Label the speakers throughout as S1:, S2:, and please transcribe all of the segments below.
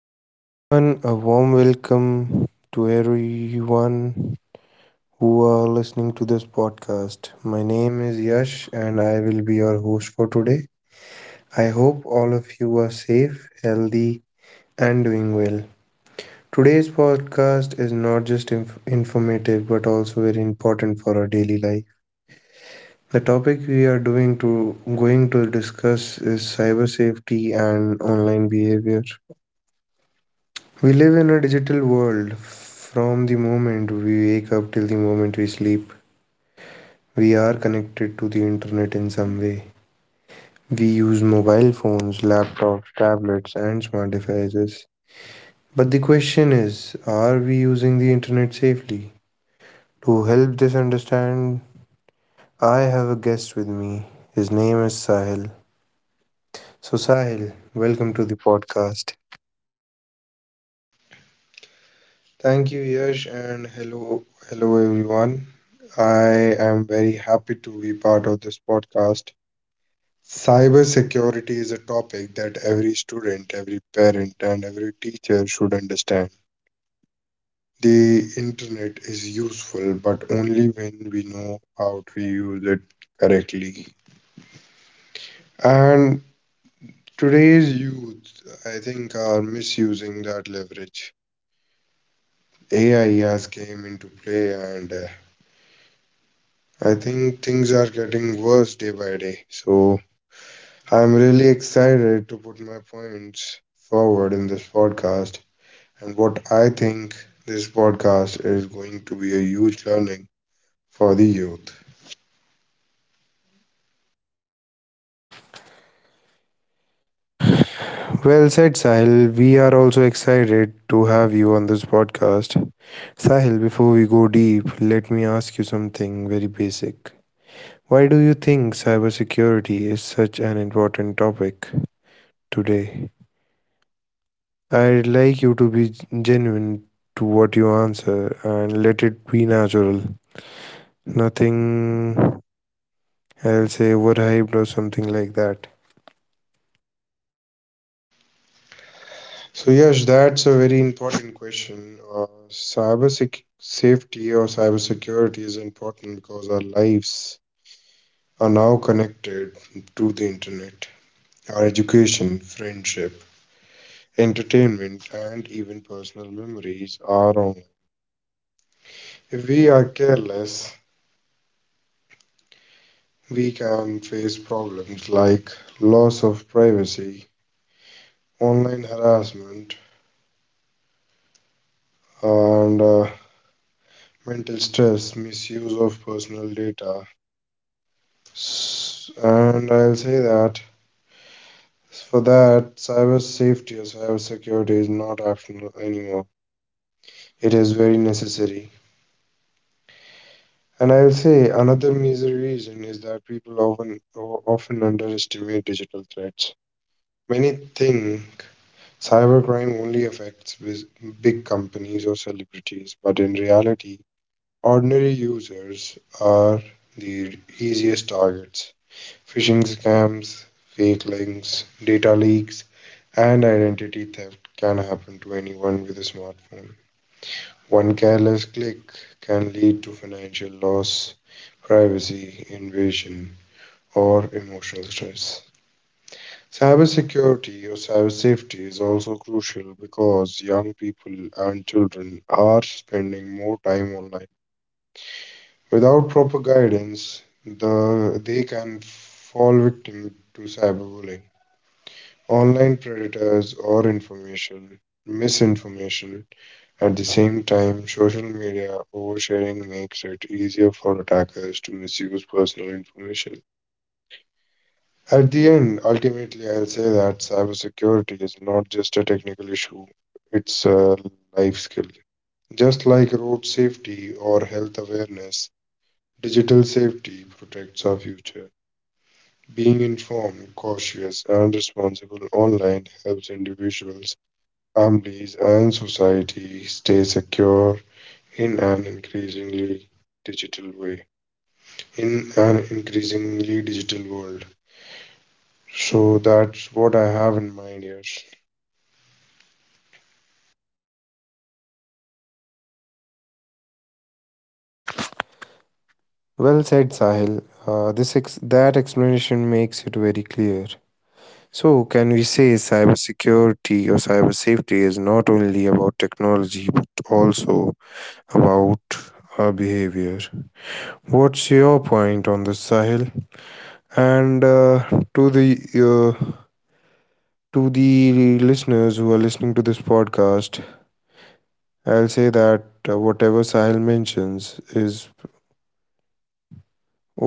S1: Hello, everyone. A warm welcome to everyone who are listening to this podcast. My name is Yash, and I will be your host for today. I hope all of you are safe, healthy, and doing well. Today's podcast is not just informative but also very important for our daily life. The topic we are doing to going to discuss is cyber safety and online behavior. We live in a digital world. From the moment we wake up till the moment we sleep, we are connected to the internet in some way. We use mobile phones, laptops, tablets, and smart devices. But the question is, are we using the internet safely? To help this understand, I have a guest with me. His name is Sahil. So, Sahil, welcome to the podcast.
S2: Thank you, Yash, and hello, hello everyone. I am very happy to be part of this podcast. Cybersecurity is a topic that every student, every parent, and every teacher should understand. The internet is useful, but only when we know how to use it correctly. And today's youth, I think, are misusing that leverage. AI has came into play and I think things are getting worse day by day. So I'm really excited to put my points forward in this podcast, and what I think, this podcast is going to be a huge learning for the youth.
S1: Well said, Sahil. We are also excited to have you on this podcast. Sahil, before we go deep, let me ask you something very basic. Why do you think cybersecurity is such an important topic today? I'd like you to be genuine to what you answer and let it be natural. Nothing, I'll say, overhyped or something like that.
S2: So yes, that's a very important question. Safety or cyber security is important because our lives are now connected to the internet. Our education, friendship, entertainment, and even personal memories are online. If we are careless, we can face problems like loss of privacy, online harassment, and mental stress, misuse of personal data. And I'll say that for that, cyber safety or cyber security is not optional anymore. It is very necessary. And I'll say another major reason is that people often underestimate digital threats. Many think cybercrime only affects big companies or celebrities, but in reality, ordinary users are the easiest targets. Phishing scams, fake links, data leaks, and identity theft can happen to anyone with a smartphone. One careless click can lead to financial loss, privacy invasion, or emotional stress. Cybersecurity or cyber safety is also crucial because young people and children are spending more time online. Without proper guidance, they can fall victim to cyberbullying, online predators, or information misinformation. At the same time, social media oversharing makes it easier for attackers to misuse personal information. At the end, ultimately, I'll say that cybersecurity is not just a technical issue, it's a life skill. Just like road safety or health awareness, digital safety protects our future. Being informed, cautious, and responsible online helps individuals, families, and society stay secure in an digital way, increasingly digital world. So that's what I have in mind here.
S1: Well said, Sahil. That explanation makes it very clear. So, can we say cybersecurity or cyber safety is not only about technology but also about our behavior? What's your point on this, Sahil? And to the uh, to the listeners who are listening to this podcast, I'll say that whatever Sahil mentions is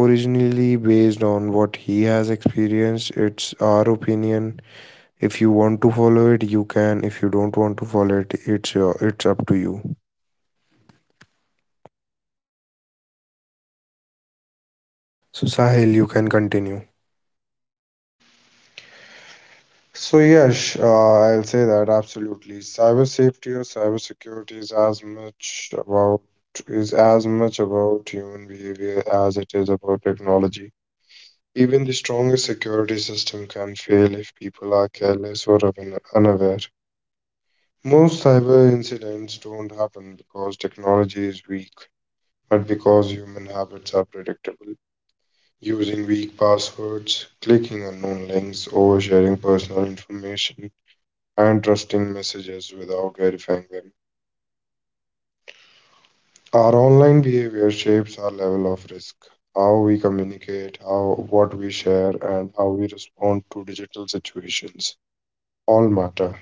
S1: originally based on what he has experienced. It's our opinion. If you want to follow it you can, if you don't want to follow it it's up to you. So Sahil, you can continue.
S2: So yes, I'll say that absolutely. Cyber safety or cyber security is as much about is as much about human behavior as it is about technology. Even the strongest security system can fail if people are careless or unaware. Most cyber incidents don't happen because technology is weak, but because human habits are predictable. Using weak passwords, clicking unknown links, oversharing personal information, and trusting messages without verifying them. Our online behavior shapes our level of risk, how we communicate, how what we share, and how we respond to digital situations. All matter.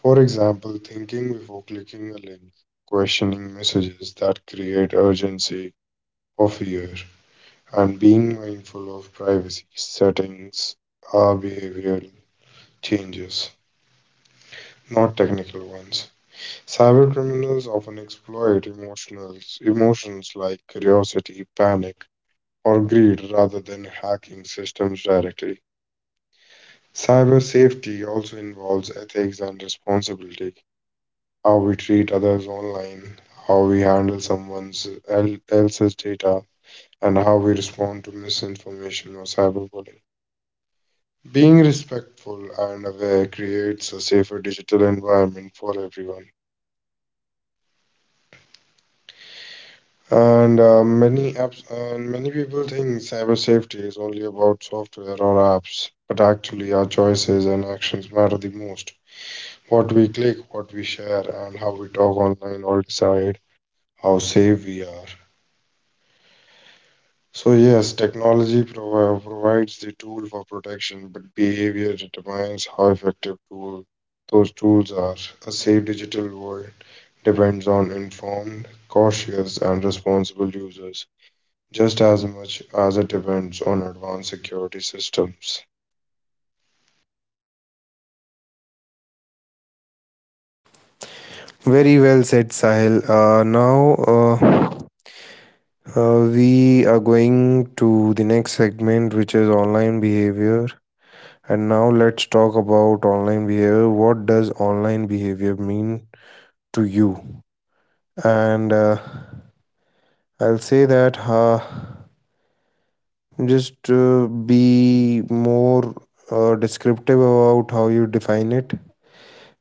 S2: For example, thinking before clicking a link, questioning messages that create urgency or fear, and being mindful of privacy settings are behavioral changes, not technical ones. Cybercriminals often exploit emotions like curiosity, panic, or greed rather than hacking systems directly. Cyber safety also involves ethics and responsibility, how we treat others online, how we handle someone else's data, and how we respond to misinformation or cyberbullying. Being respectful and aware creates a safer digital environment for everyone. And many apps and many people think cyber safety is only about software or apps, but actually our choices and actions matter the most. What we click, what we share, and how we talk online all decide how safe we are. So yes, technology provides the tool for protection, but behavior determines how effective tool those tools are. A safe digital world depends on informed, cautious, and responsible users, just as much as it depends on advanced security systems.
S1: Very well said, Sahil. Now We are going to the next segment, which is online behavior. And now let's talk about online behavior. What does online behavior mean to you? And I'll say that just be more descriptive about how you define it,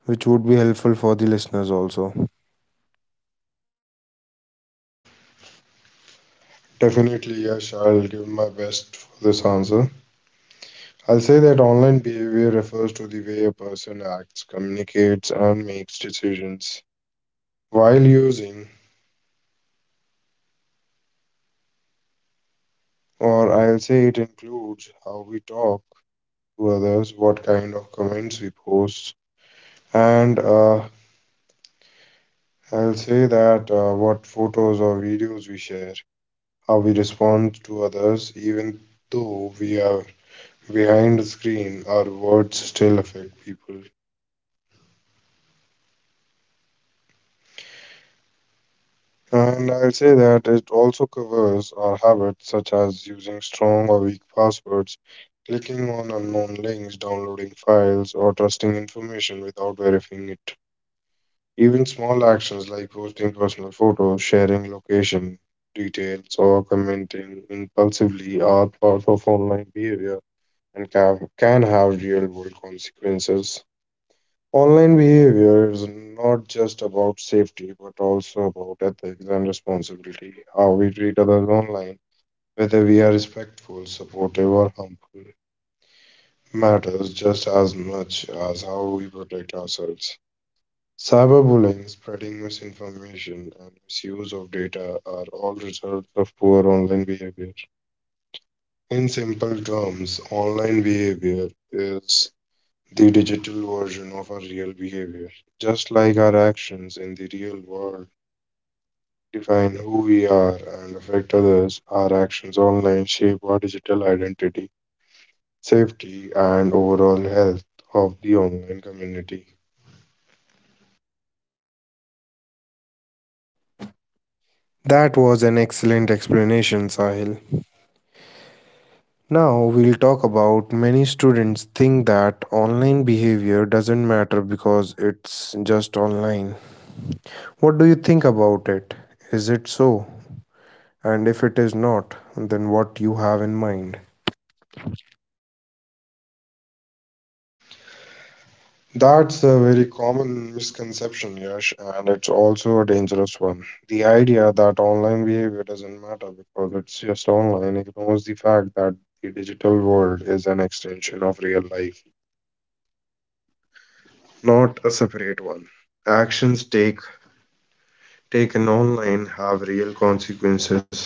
S1: which would be helpful for the listeners also.
S2: Definitely, yes, I'll give my best for this answer. I'll say that online behavior refers to the way a person acts, communicates, and makes decisions while using, or I'll say it includes how we talk to others, what kind of comments we post, and I'll say that what photos or videos we share, how we respond to others. Even though we have behind the screen, our words still affect people. And I'll say that it also covers our habits such as using strong or weak passwords, clicking on unknown links, downloading files, or trusting information without verifying it. Even small actions like posting personal photos, sharing location details, or commenting impulsively are part of online behavior and can have real world consequences. Online behavior is not just about safety, but also about ethics and responsibility. How we treat others online, whether we are respectful, supportive, or harmful, matters just as much as how we protect ourselves. Cyberbullying, spreading misinformation, and misuse of data are all results of poor online behavior. In simple terms, online behavior is the digital version of our real behavior. Just like our actions in the real world define who we are and affect others, our actions online shape our digital identity, safety, and overall health of the online community.
S1: That was an excellent explanation, Sahil. Now we'll talk about, many students think that online behavior doesn't matter because it's just online. What do you think about it? Is it so? And if it is not, then what you have in mind?
S2: That's a very common misconception, Yash, and it's also a dangerous one. The idea that online behavior doesn't matter because it's just online ignores the fact that the digital world is an extension of real life, not a separate one. Actions take taken online have real consequences.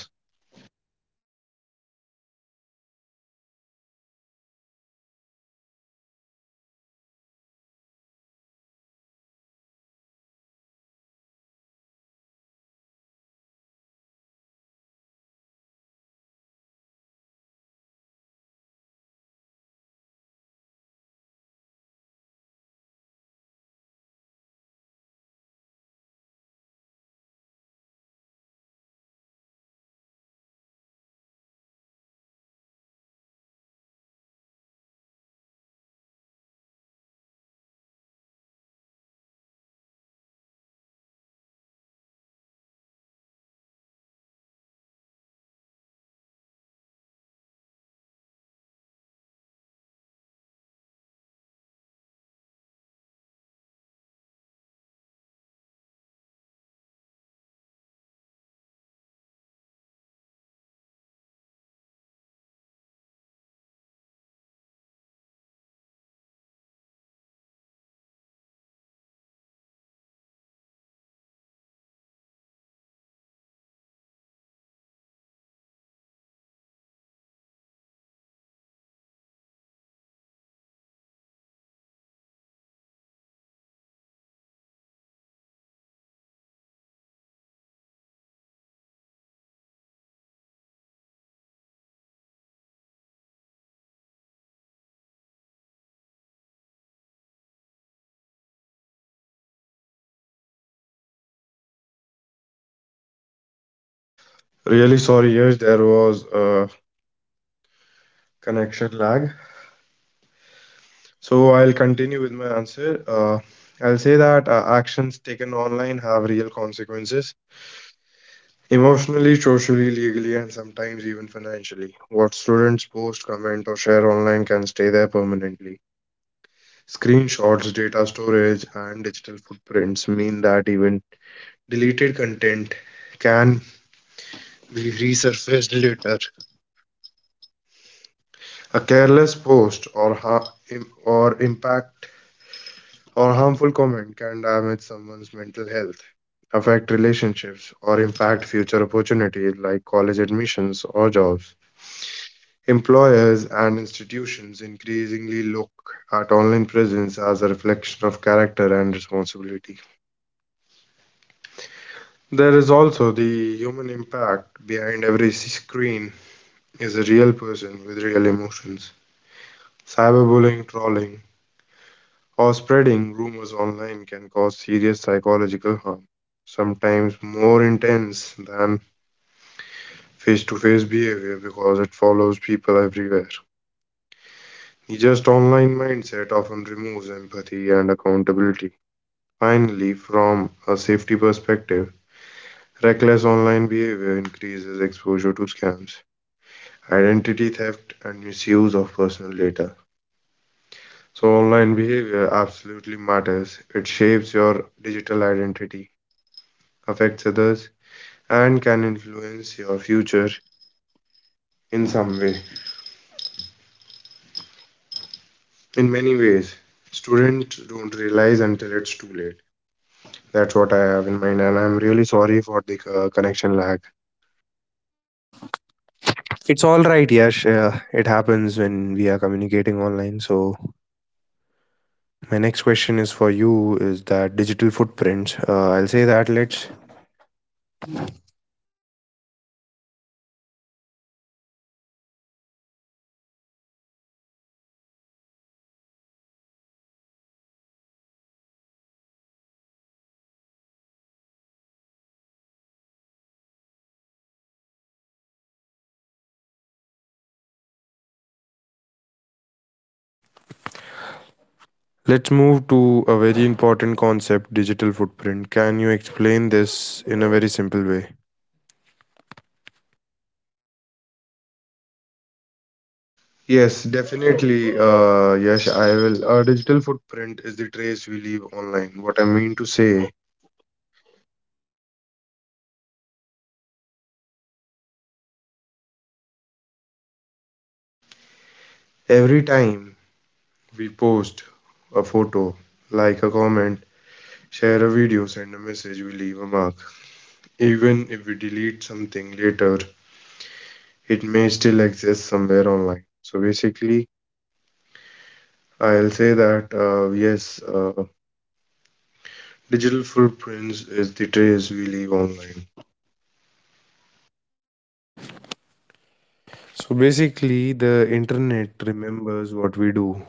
S2: Really sorry, yes, there was a connection lag. So I'll continue with my answer. I'll say that Actions taken online have real consequences emotionally, socially, legally, and sometimes even financially. What students post, comment, or share online can stay there permanently. Screenshots, data storage, and digital footprints mean that even deleted content can we resurfaced later. A careless post or ha- im- or impact or harmful comment can damage someone's mental health, affect relationships, or impact future opportunities like college admissions or jobs. Employers and institutions increasingly look at online presence as a reflection of character and responsibility. There is also the human impact behind every screen is a real person with real emotions. Cyberbullying, trolling, or spreading rumors online can cause serious psychological harm, sometimes more intense than face to face behavior because it follows people everywhere. The just online mindset often removes empathy and accountability. Finally, from a safety perspective, reckless online behavior increases exposure to scams, identity theft, and misuse of personal data. So, online behavior absolutely matters. It shapes your digital identity, affects others, and can influence your future in some way in many ways students don't realize until it's too late. That's what I have in mind, and I'm really sorry for the connection lag.
S1: It's all right, Yash. It happens when we are communicating online. So my next question is for you: is that digital footprint? I'll say that let's move to a very important concept, digital footprint. Can you explain this in a very simple way?
S2: Yes, definitely. Yes I will. Our digital footprint is the trace we leave online. What I mean to say, every time we post a photo, like a comment, share a video, send a message, we leave a mark. Even if we delete something later, it may still exist somewhere online. So basically, I'll say that digital footprints is the trace we leave online.
S1: So, basically, the internet remembers what we do.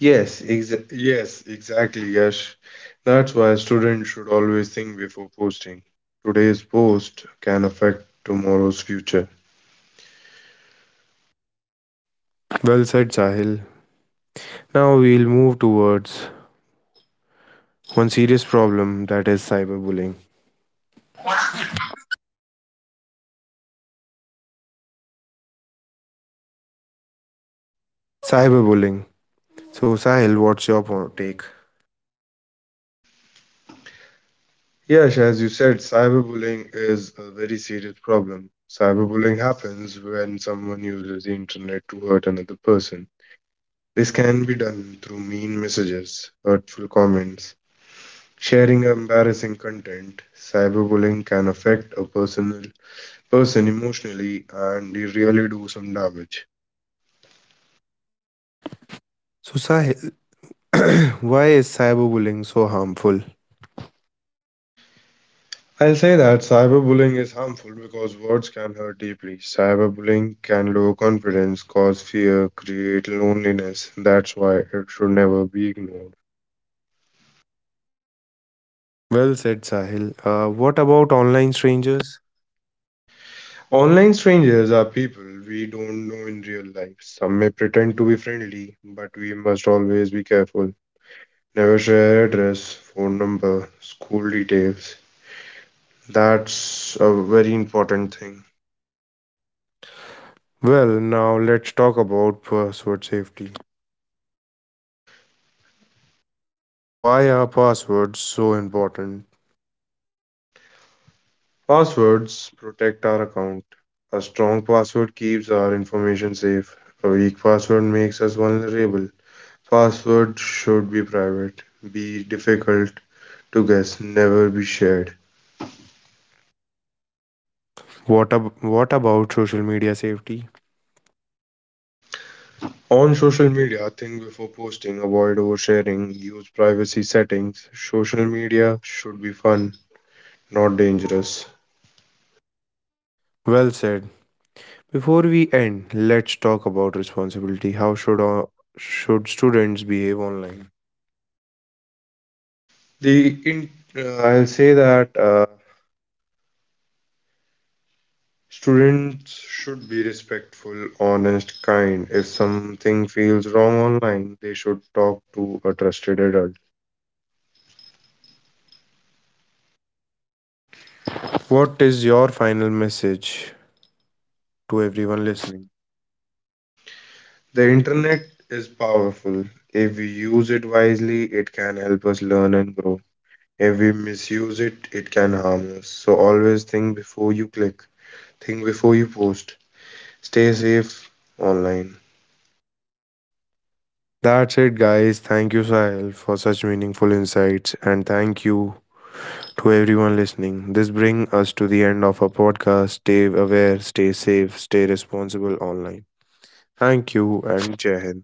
S2: Yes, exactly, Yash. That's why students should always think before posting. Today's post can affect tomorrow's future.
S1: Well said, Sahil. Now, we'll move towards one serious problem, that is cyberbullying. Cyberbullying. So, Sahil, what's your take?
S2: Yes, as you said, cyberbullying is a very serious problem. Cyberbullying happens when someone uses the internet to hurt another person. This can be done through mean messages, hurtful comments, sharing embarrassing content. Cyberbullying can affect a person emotionally and they really do some damage.
S1: So, Sahil, why is cyberbullying so harmful?
S2: I'll say that cyberbullying is harmful because words can hurt deeply. Cyberbullying can lower confidence, cause fear, create loneliness. That's why it should never be ignored.
S1: Well said, Sahil. What about online strangers?
S2: Online strangers are people we don't know in real life. Some may pretend to be friendly, but we must always be careful. Never share address, phone number, school details. That's a very important thing.
S1: Well, now let's talk about password safety. Why are passwords so important?
S2: Passwords protect our account. A strong password keeps our information safe. A weak password makes us vulnerable. Password should be private, be difficult to guess, never be shared.
S1: What about social media safety?
S2: On social media, think before posting, avoid oversharing, use privacy settings. Social media should be fun, not dangerous.
S1: Well said. Before we end, let's talk about responsibility. How should students behave online?
S2: The in I'll say that Students should be respectful, honest, kind. If something feels wrong online, they should talk to a trusted adult.
S1: What is your final message to everyone listening?
S2: The internet is powerful. If we use it wisely, it can help us learn and grow. If we misuse it, it can harm us. So always think before you click, think before you post. Stay safe online.
S1: That's it, guys. Thank you, Sahil, for such meaningful insights, and thank you to everyone listening. This brings us to the end of our podcast. Stay aware, stay safe, stay responsible online. Thank you, and Jai Hind.